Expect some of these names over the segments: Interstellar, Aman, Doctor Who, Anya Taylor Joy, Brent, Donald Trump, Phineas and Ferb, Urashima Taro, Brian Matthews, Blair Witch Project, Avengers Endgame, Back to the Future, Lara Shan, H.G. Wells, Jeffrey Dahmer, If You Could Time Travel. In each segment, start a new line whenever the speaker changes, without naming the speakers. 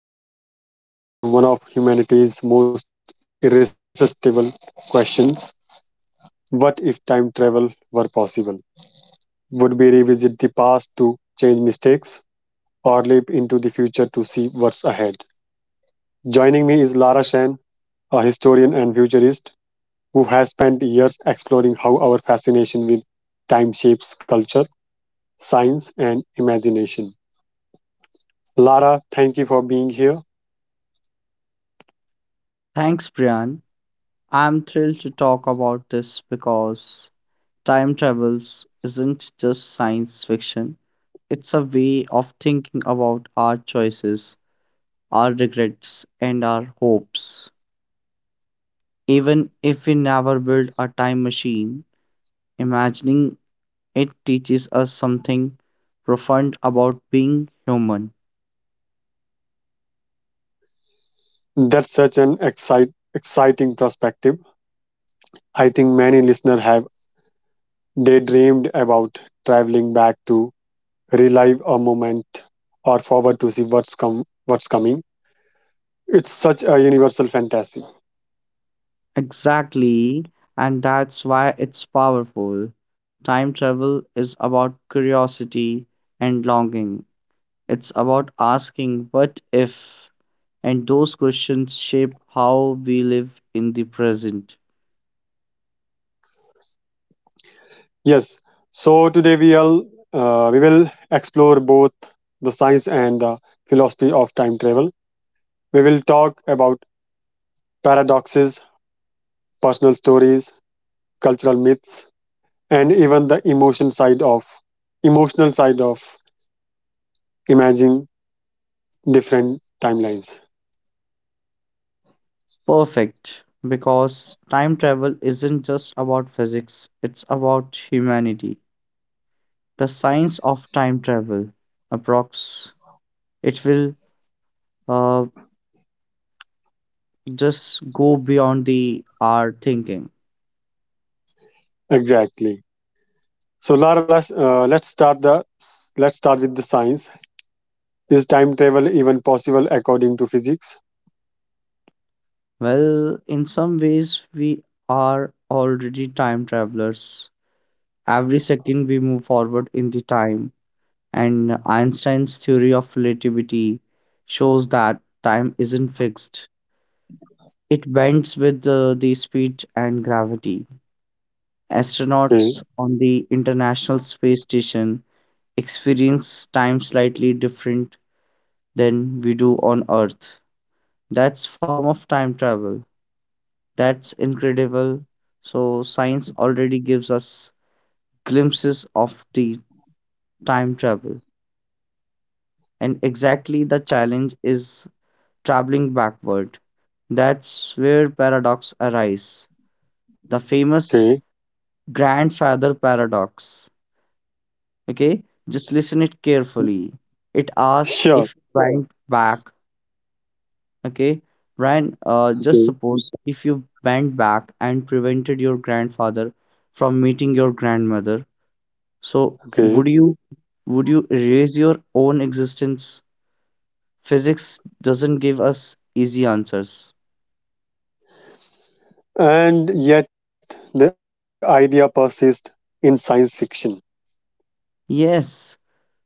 and today we are diving into one of humanity's most irresistible questions. What if time travel were possible? Would we revisit the past to change mistakes or leap into the future to see what's ahead? Joining me is Lara Shan, a historian and futurist who has spent years exploring how our fascination with time shapes culture, science, and imagination. Lara, thank you for being here.
Thanks, Brian. I'm thrilled to talk about this because time travels isn't just science fiction, it's a way of thinking about our choices, our regrets, and our hopes. Even if we never build a time machine, imagining it teaches us something profound about being human.
That's such an exciting perspective. I think many listeners have daydreamed about traveling back to relive a moment or forward to see what's coming. It's such a universal fantasy.
Exactly, and that's why it's powerful. Time travel is about curiosity and longing. It's about asking, what if? And those questions shape how we live in the present.
Yes. So today we will explore both the science and the philosophy of time travel. We will talk about paradoxes, personal stories, cultural myths, and even the emotional side of imagine different timelines.
Perfect, because time travel isn't just about physics, it's about humanity. The science of time travel, approx, it will uh, just go beyond the our thinking.
Exactly. So Lara, let's start with the science. Is time travel even possible according to physics?
Well, in some ways, we are already time travelers. Every second we move forward in the time, and Einstein's theory of relativity shows that time isn't fixed. It bends with the speed and gravity.
Okay.
Astronauts on the International Space Station experience time slightly different than we do on Earth. That's form of time travel. That's incredible. So science already gives us glimpses of the time travel. And exactly the challenge is traveling backward. That's where paradox arise. The famous
Okay.
grandfather paradox. Okay? Just listen it carefully. It asks
Sure.
if you bend back, okay? Brian, just
Okay.
suppose if you bent back and prevented your grandfather from meeting your grandmother, so
Okay.
would you erase your own existence? Physics doesn't give us easy answers.
And yet the idea persists in science fiction.
Yes,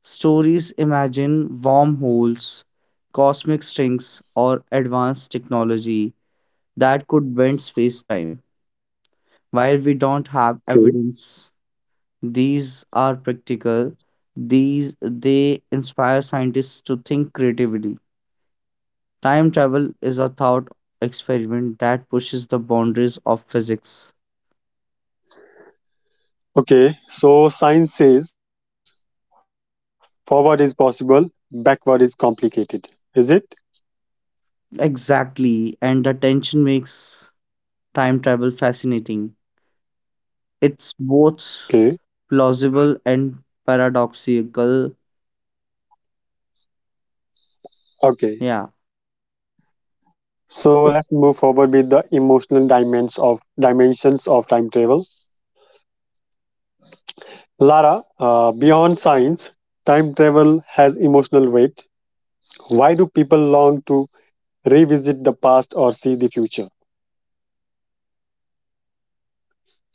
stories imagine wormholes, cosmic strings, or advanced technology that could bend space time. While we don't have
Okay.
evidence, these are practical. These they inspire scientists to think creatively. Time travel is a thought experiment that pushes the boundaries of physics.
Okay, so science says forward is possible, backward is complicated, is it?
Exactly, and the tension makes time travel fascinating. It's both
Okay.
plausible and paradoxical. Yeah,
Okay, so let's move forward with the emotional dimensions of time travel. Lara, beyond science, time travel has emotional weight. Why do people long to revisit the past or see the future?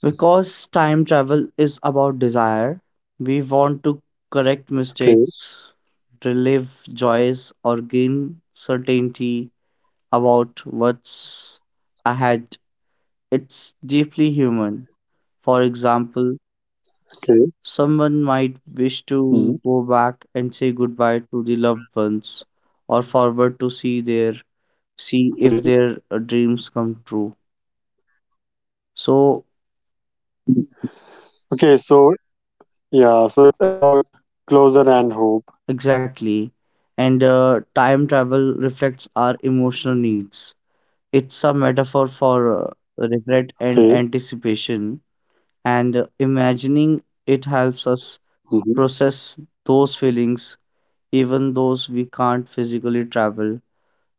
because time travel is about desire, we want to correct
Okay.
mistakes, relive joys, or gain certainty about what's ahead. It's deeply human. For example,
Okay.
someone might wish to go
Mm.
back and say goodbye to the loved ones or forward to see their
Okay.
see if their dreams come true. So
Okay. So yeah, so it's about closure and hope.
exactly. And time travel reflects our emotional needs. It's a metaphor for regret
Okay.
and anticipation, and imagining it helps us
Mhm.
process those feelings, even those we can't physically travel,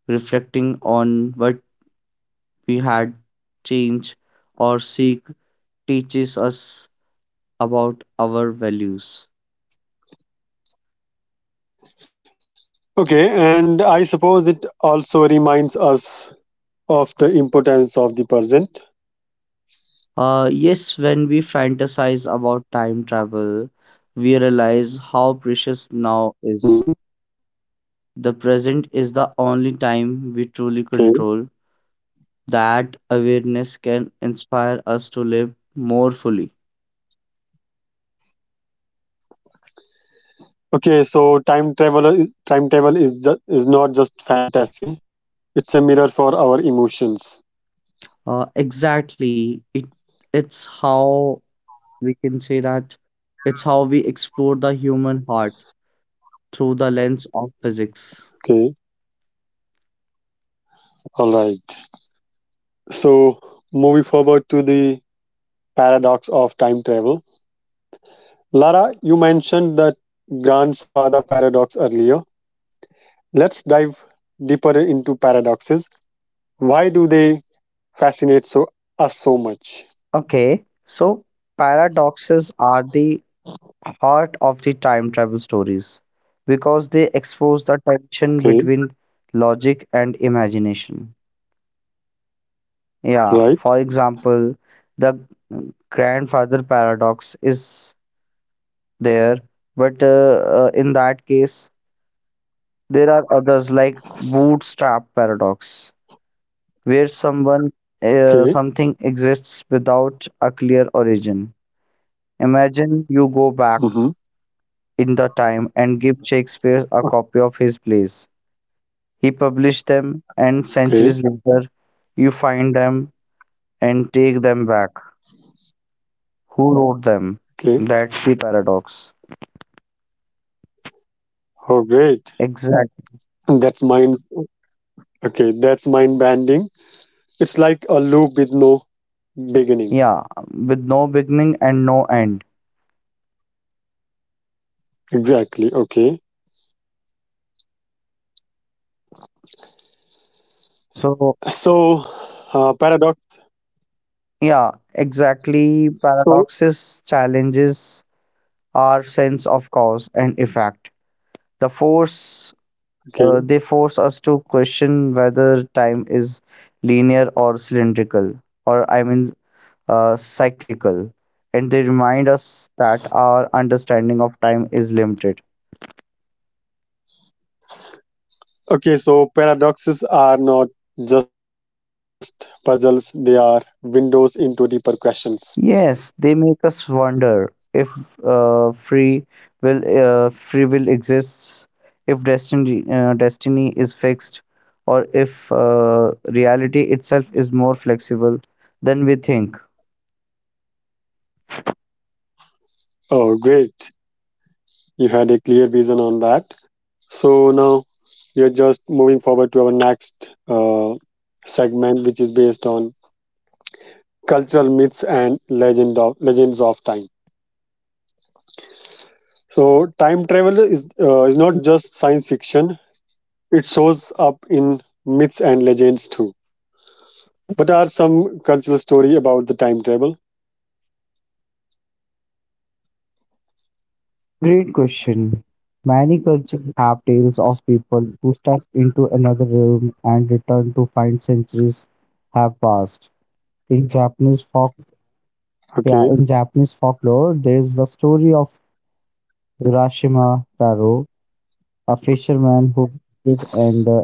reflecting on what we had change or seek teaches us about our values.
Okay, and I suppose it also reminds us of the importance of the present.
Yes, when we fantasize about time travel, we realize how precious now is.
Mm.
The present is the only time we truly
Okay.
control. That awareness can inspire us to live more fully.
Okay. So time travel is is not just fantasy. It's a mirror for our emotions.
Exactly, it's how we can say that it's how we explore the human heart through the lens of physics.
Okay. All right. So, moving forward to the paradox of time travel. Lara, you mentioned the grandfather paradox earlier. Let's dive deeper into paradoxes. Why do they fascinate us so much?
Okay, so paradoxes are the heart of the time travel stories because they expose the tension
Okay.
between logic and imagination. Yeah, for
Right.
example, the grandfather paradox is there, but in that case, there are others like bootstrap paradox, where someone
Okay.
something exists without a clear origin. Imagine you go back
Mm-hmm.
in the time and give Shakespeare a copy of his plays. He published them, and
Okay.
centuries later, you find them and take them back. Who wrote them?
Okay.
That's the paradox.
Oh, great.
Exactly.
That's mind's okay. That's mind bending. It's like a loop with no beginning.
Yeah, with no beginning and no end.
Exactly. Okay.
So,
So, paradox.
yeah, exactly.
So,
Paradoxes challenges our sense of cause and effect. The force they
okay.
force us to question whether time is linear or cylindrical, or I mean, cyclical. And they remind us that our understanding of time is limited.
Okay, so paradoxes are not just puzzles, they are windows into deeper questions.
Yes, they make us wonder if free will exists, if destiny is fixed, or if reality itself is more flexible than we think.
Oh, great. You had a clear vision on that. So now we are just moving forward to our next segment, which is based on cultural myths and legends of time. So, time travel is not just science fiction, it shows up in myths and legends too. What are some cultural story about the time travel?
Great question. Many cultures have tales of people who step into another realm and return to find centuries have passed. In Japanese folk,
Okay.
yeah, in Japanese folklore, there's the story of Urashima Taro, a fisherman who visited an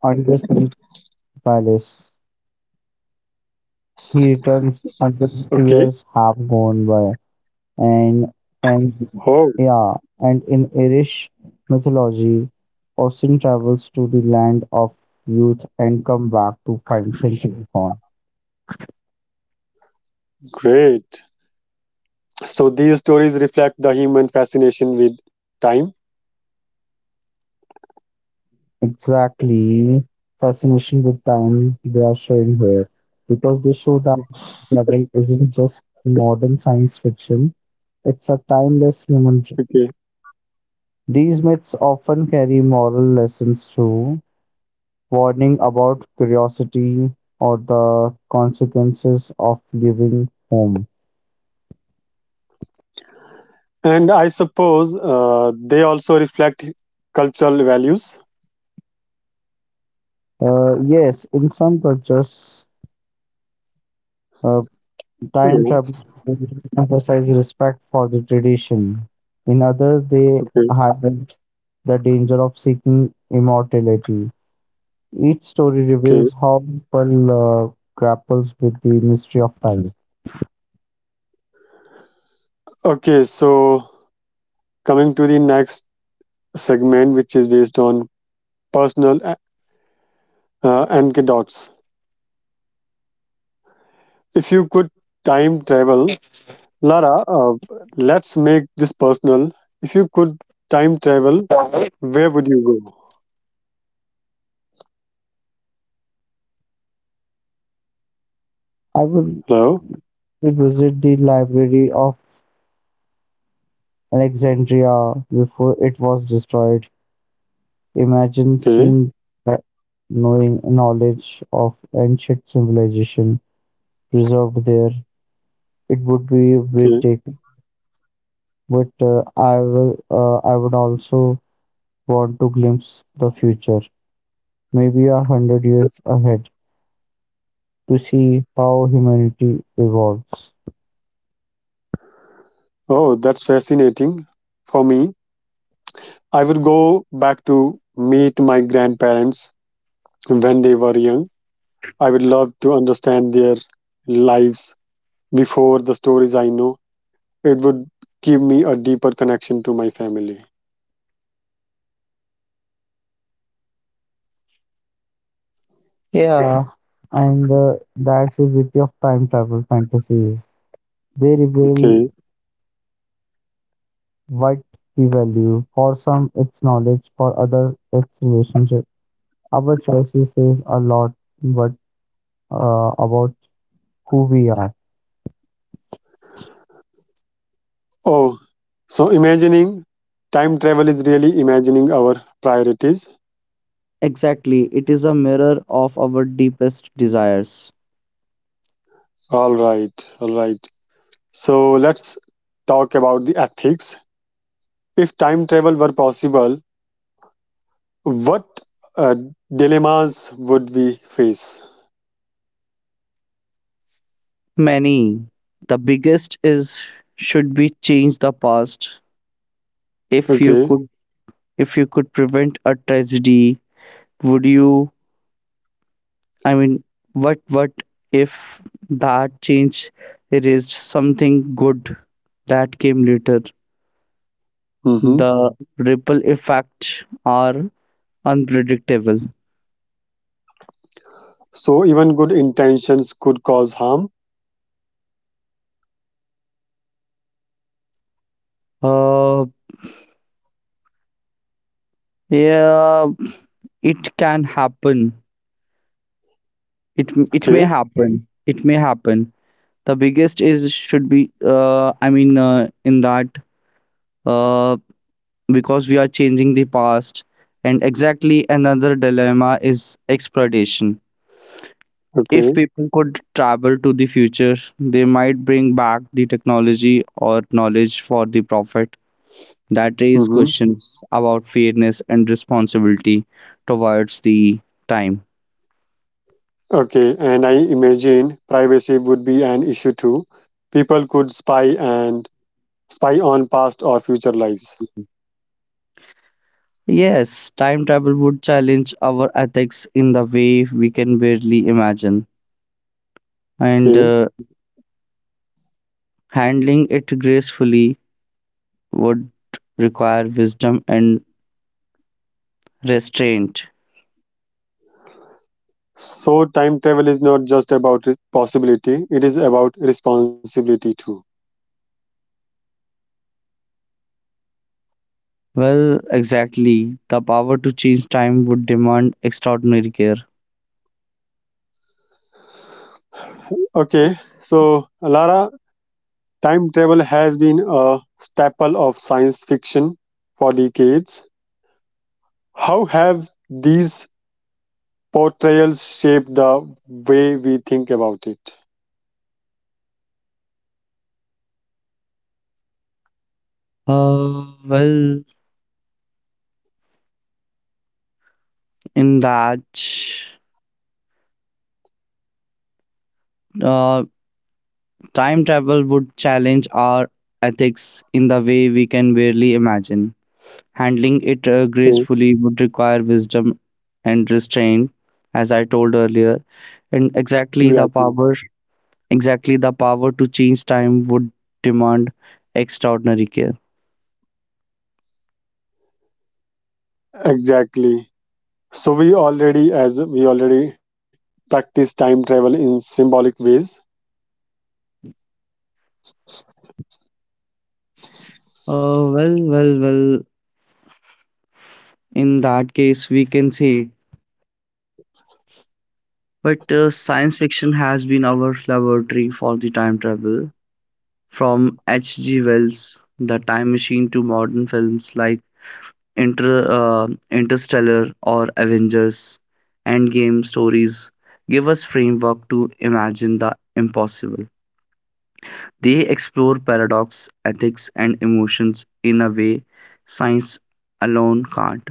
undersea palace. He returns hundred
Okay.
years have gone by. And and
Oh,
Yeah, and in Irish mythology, Austin travels to the land of youth and come back to find century gone.
great. So these stories reflect the human fascination with time.
Exactly, fascination with time they are showing here because they show that novel isn't just modern science fiction; it's a timeless human.
Okay.
These myths often carry moral lessons too, warning about curiosity or the consequences of leaving home.
And I suppose they also reflect cultural values.
Yes, in some cultures, uh, time travel
Yeah.
emphasize respect for the tradition. In others, they
Okay.
highlight the danger of seeking immortality. Each story
Okay.
reveals how people grapples with the mystery of time.
Okay. So coming to the next segment, which is based on personal anecdotes. If you could time travel, Lara, let's make this personal. If you could time travel,
I
where would you go?
will
Hello.
visit the library of Alexandria before it was destroyed. Imagine
Okay.
seeing that knowing knowledge of ancient civilization preserved there. It would be
Okay.
breathtaking. But I will. I would also want to glimpse the future, maybe a hundred years ahead, to see how humanity evolves.
Oh, that's fascinating. For me, I would go back to meet my grandparents when they were young. I would love to understand their lives before the stories I know. It would give me a deeper connection to my family.
Yeah, Yeah, and that's the beauty of time travel fantasies. They reveal
Okay.
what we value. For some, it's knowledge. For others, it's relationship. Our choices says a lot, but about who we are.
Oh, so imagining time travel is really imagining our priorities.
Exactly, it is a mirror of our deepest desires.
All right. All right. So let's talk about the ethics. If time travel were possible, what uh, dilemmas would we face?
Many. The biggest is should be change the past? If you
Okay.
could if you could prevent a tragedy, would you I mean, what if that change erased something good that came later?
Mhm.
The ripple effects are unpredictable.
So even good intentions could cause harm.
Uh Yeah, it can happen. It may
Okay.
happen. It may happen. The biggest is should be I mean in that uh because we are changing the past and exactly another dilemma is exploitation. If
Okay.
people could travel to the future, they might bring back the technology or knowledge for the profit. That raises
Mhm.
questions about fairness and responsibility towards the time.
Okay. And I imagine privacy would be an issue too. People could spy and spy on past or future lives.
Yes, time travel would challenge our ethics in the way we can barely imagine, and
Okay.
handling it gracefully would require wisdom and restraint.
So time travel is not just about possibility; it is about responsibility too.
Well, exactly. The power to change time would demand extraordinary care.
Okay. So Lara, time travel has been a staple of science fiction for decades. How have these portrayals shape the way we think about it?
Uh, well, in that, uh, time travel would challenge our ethics in the way we can barely imagine. Handling it
Hmm.
gracefully would require wisdom and restraint, as I told earlier, and
Exactly.
exactly the power to change time would demand extraordinary care.
Exactly. So we already, as we already practice time travel in symbolic ways.
Uh, well, well, well, in that case, we can say, but science fiction has been our laboratory for the time travel. From H.G. Wells, The Time Machine, to modern films like Interstellar or Avengers Endgame stories give us framework to imagine the impossible. They explore paradox, ethics, and emotions in a way science alone can't.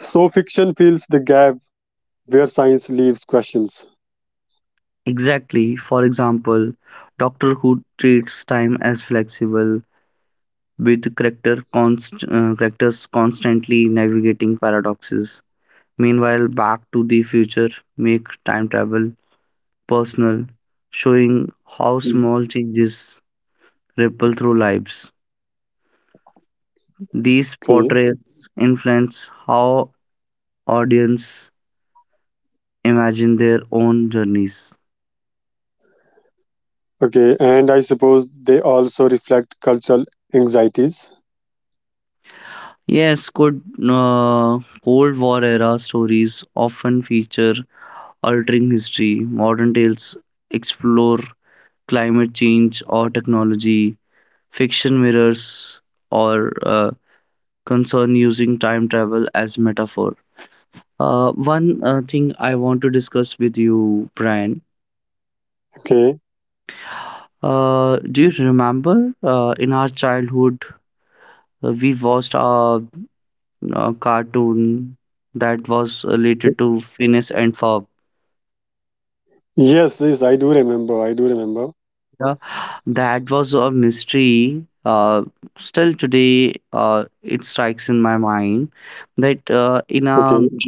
So fiction fills the gap where science leaves questions.
Exactly, for example, Doctor Who treats time as flexible, with characters constantly navigating paradoxes. Meanwhile, Back to the Future make time travel personal, showing how
Hmm.
small changes ripple through lives. These
Okay.
portraits influence how audience imagine their own journeys.
Okay, and I suppose they also reflect cultural anxieties.
Yes, could uh, Cold War era stories often feature altering history. Modern tales explore climate change or technology. Fiction mirrors or concern using time travel as metaphor. One thing I want to discuss with you, Brian.
Okay.
Do you remember in our childhood we watched a cartoon that was related to Phineas and Ferb?
Yes, yes, I do remember. I do remember.
Yeah, that was a mystery. Still today, it strikes in my mind that
Okay.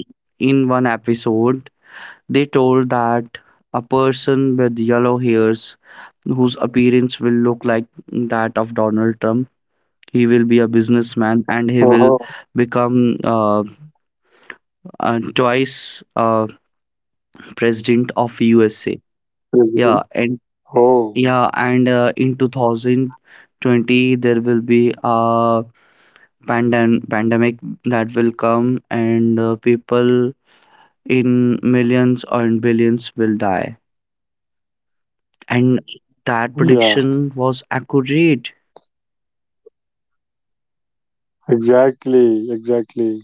in one episode they told that a person with yellow hairs whose appearance will look like that of Donald Trump. He will be a businessman and he will
Uh-huh.
become twice president of USA. Yeah,
Yes, we
and
do.
yeah,
Oh,
and in 2020 there will be a pandemic that will come and people in millions or in billions will die. And that
yeah.
prediction was accurate.
Exactly. Exactly.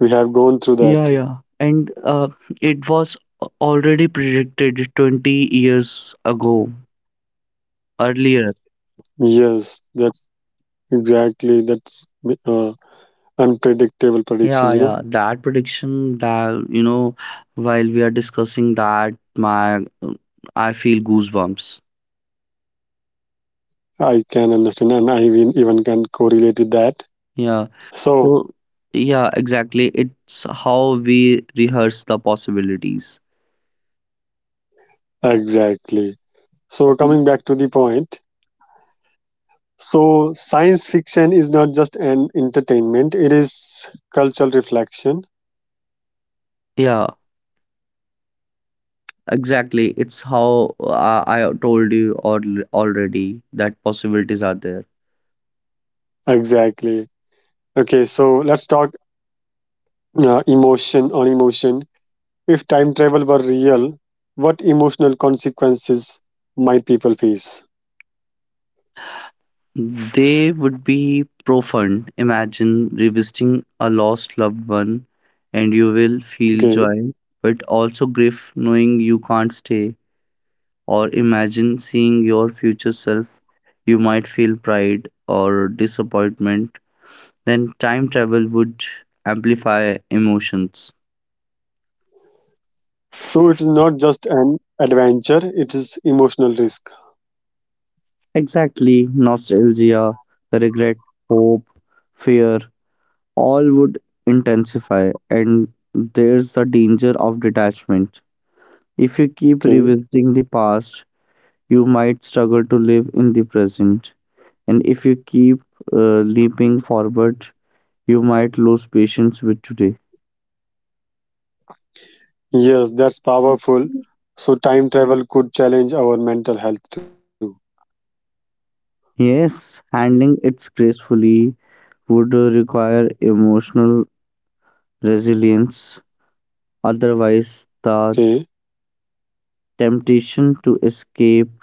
We have gone through
Yeah,
that.
yeah. And it was already predicted 20 years ago, earlier.
Yes, that's exactly that's uh, unpredictable
Yeah,
prediction, you
yeah.
know.
That prediction that, you know, while we are discussing that, my I feel goosebumps.
I can understand, and I even can correlate with that.
Yeah.
So
So, yeah, exactly. It's how we rehearse the possibilities.
exactly. So coming back to the point, so science fiction is not just an entertainment, it is cultural reflection.
Yeah. Exactly. It's how I told you or already that possibilities are there.
Exactly. Okay, so let's talk emotion on emotion. If time travel were real, what emotional consequences might people face?
They would be profound. Imagine revisiting a lost loved one and you will feel
Okay.
joy, but also grief knowing you can't stay. Or imagine seeing your future self. You might feel pride or disappointment. Then time travel would amplify emotions.
So it is not just an adventure, it is emotional risk.
Exactly, nostalgia, regret, hope, fear, all would intensify, and there's the danger of detachment. If you keep
Okay.
revisiting the past, you might struggle to live in the present, and if you keep leaping forward, you might lose patience with today.
Yes, that's powerful. So time travel could challenge our mental health too.
Yes, handling it gracefully would require emotional resilience, otherwise,
Okay.
the temptation to escape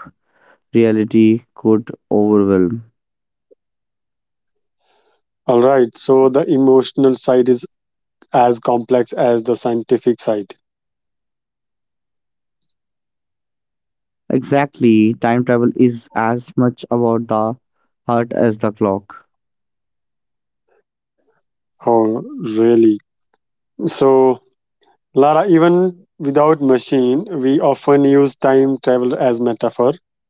reality could overwhelm.
All right. So the emotional side is as complex as the scientific side.
Exactly, time travel is as much about the heart as the clock.
Oh, really? So, Lara, even without machine, we often use time travel as metaphor.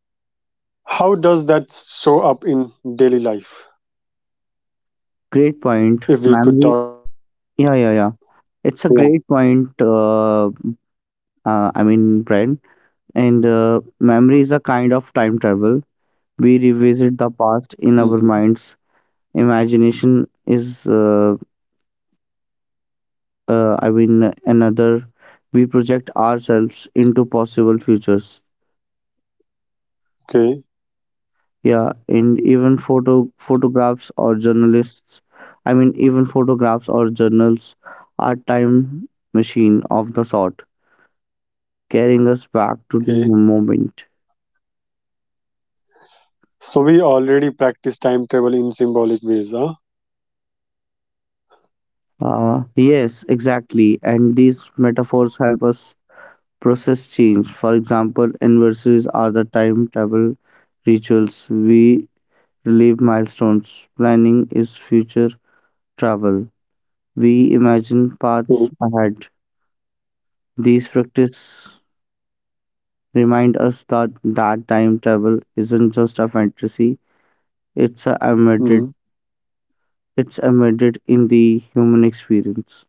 How does that show up in daily life?
Great point.
If we could
Memory,
talk about,
yeah, yeah, yeah. It's a great
yeah.
point, I mean, Brent. And memory is a kind of time travel. We revisit the past in
Mhm.
our minds. Imagination is, another. We project ourselves into possible futures.
Okay.
Yeah, and even photographs or journalists, I mean even photographs or journals are time machine of the sort, carrying us back to the
Okay.
moment.
So we already practice time travel in symbolic ways, huh?
Yes, exactly. And these metaphors help us process change. For example, anniversaries are the timetable rituals. We relive milestones. Planning is future travel. We imagine paths ahead. These practice remind us that time travel isn't just a fantasy, it's a embedded
Mhm.
it's embedded in the human experience.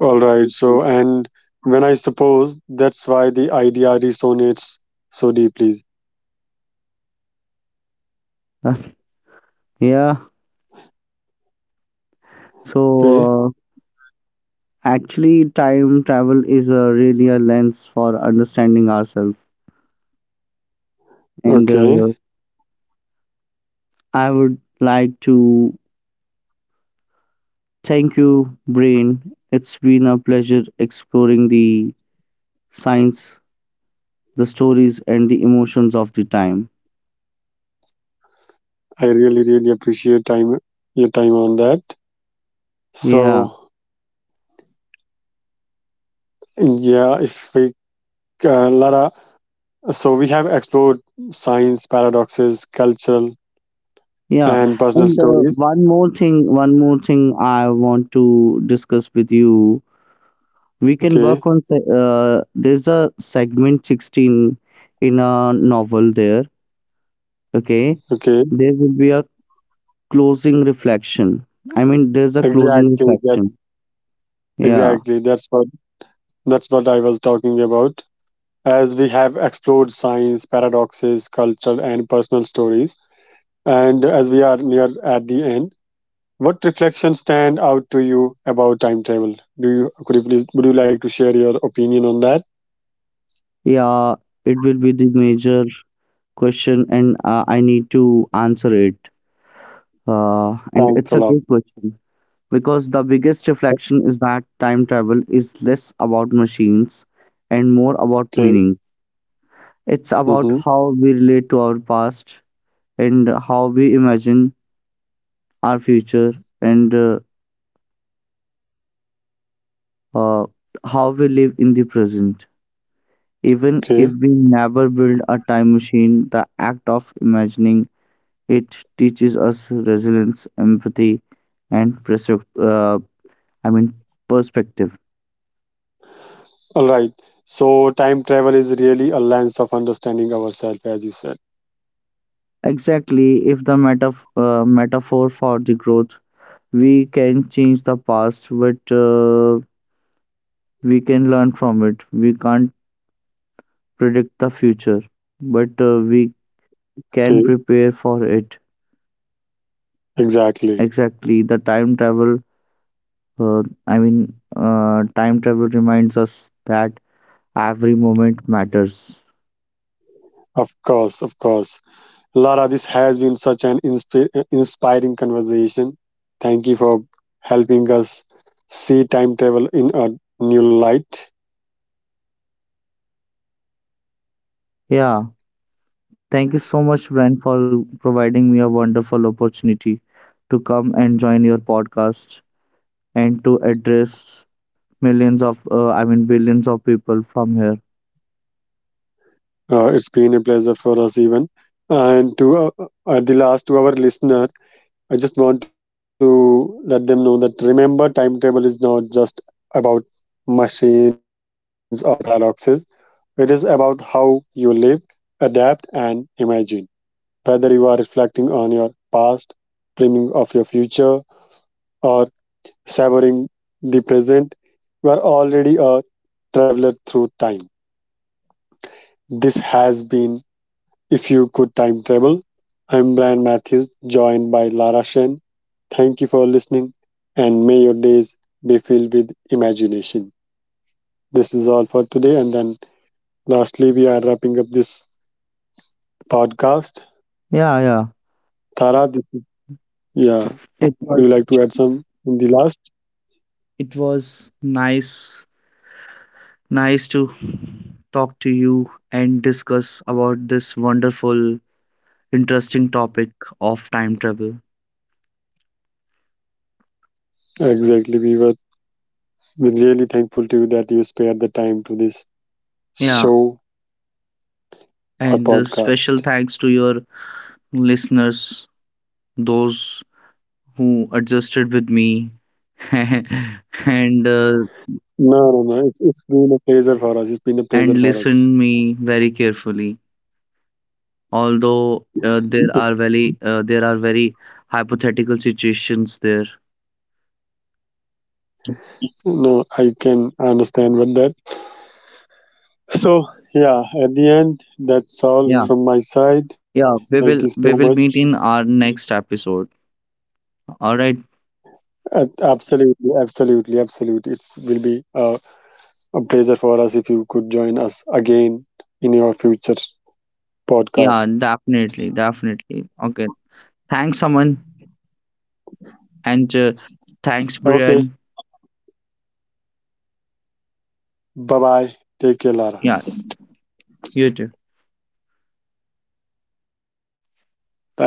All right. So, and when I suppose that's why the idea resonates so deeply.
Yeah.
Okay.
So actually time travel is a really a lens for understanding ourselves and
Okay.
I would like to thank you brain. It's been a pleasure exploring the science, the stories and the emotions of the time.
I really, really appreciate time your time on that. So,
Yeah.
yeah, if we uh, Lara, so we have explored science paradoxes, cultural
Yeah,
and personal
and
stories.
one more thing I want to discuss with you. We can
Okay.
work on there's a segment 16 in a novel there, okay?
Okay.
There will be a closing reflection. I mean, there's a closing
Exactly. That
reflection. Yeah,
Exactly. That's what I was talking about. As we have explored science paradoxes, culture and personal stories, and as we are near at the end, what reflections stand out to you about time travel? Do you could you please Would you like to share your opinion on that?
yeah, it will be the major question, and I need to answer it. Uh,
Thanks a
and
lot.
it's a good question. Because the biggest reflection is that time travel is less about machines and more about
Okay.
meaning. It's about
Mm-hmm.
how we relate to our past and how we imagine our future and uh, how we live in the present. Even if
Okay.
we never build a time machine, the act of imagining it teaches us resilience, empathy, and uh, I mean perspective.
All right. So time travel is really a lens of understanding ourselves, as you said.
Exactly, if the metaphor for the growth, we can change the past, but we can learn from it. We can't predict the future, but we
Okay,
can prepare for it.
exactly.
Exactly, the time travel, time travel reminds us that every moment matters.
Of course, of course. Lara, this has been such an inspiring conversation. Thank you for helping us see time travel in a new light.
Yeah, thank you so much, Brent, for providing me a wonderful opportunity to come and join your podcast and to address millions of, billions of people from here.
It's been a pleasure for us, even. And to at the last, to our listener, I just want to let them know that remember, timetable is not just about machines or paradoxes. It is about how you live, adapt, and imagine. Whether you are reflecting on your past, dreaming of your future, or savoring the present, you are already a traveler through time. This has been If You Could Time Travel. I'm Brian Matthews, joined by Lara Shen. Thank you for listening, and may your days be filled with imagination. This is all for today, and then lastly, we are wrapping up this podcast.
Yeah, yeah.
Tara, this is, yeah,
It
would
was,
you like to add some in the last?
it was nice, nice to talk to you and discuss about this wonderful, interesting topic of time travel.
Exactly, we were really thankful to you that you spared the time to this
Yeah,
show or
and special
podcast.
thanks to your listeners, those who adjusted with me and uh,
No, no, no, it's been a pleasure for us. It's been a
and
pleasure for
listened
us.
me very carefully. Although,
It.
there are very hypothetical situations there.
No, I can understand with that. So, yeah, at the end, that's all
Yeah,
from my side.
yeah,
Thank you so
we will
much.
meet in our next episode. All right.
Absolutely, absolutely, absolutely. It will be a pleasure for us if you could join us again in your future
Yeah,
podcasts.
definitely, definitely. Okay. Thanks, Aman, and thanks,
Okay,
Brian.
bye bye. Take care, Lara.
Yeah, you too.
Thank you.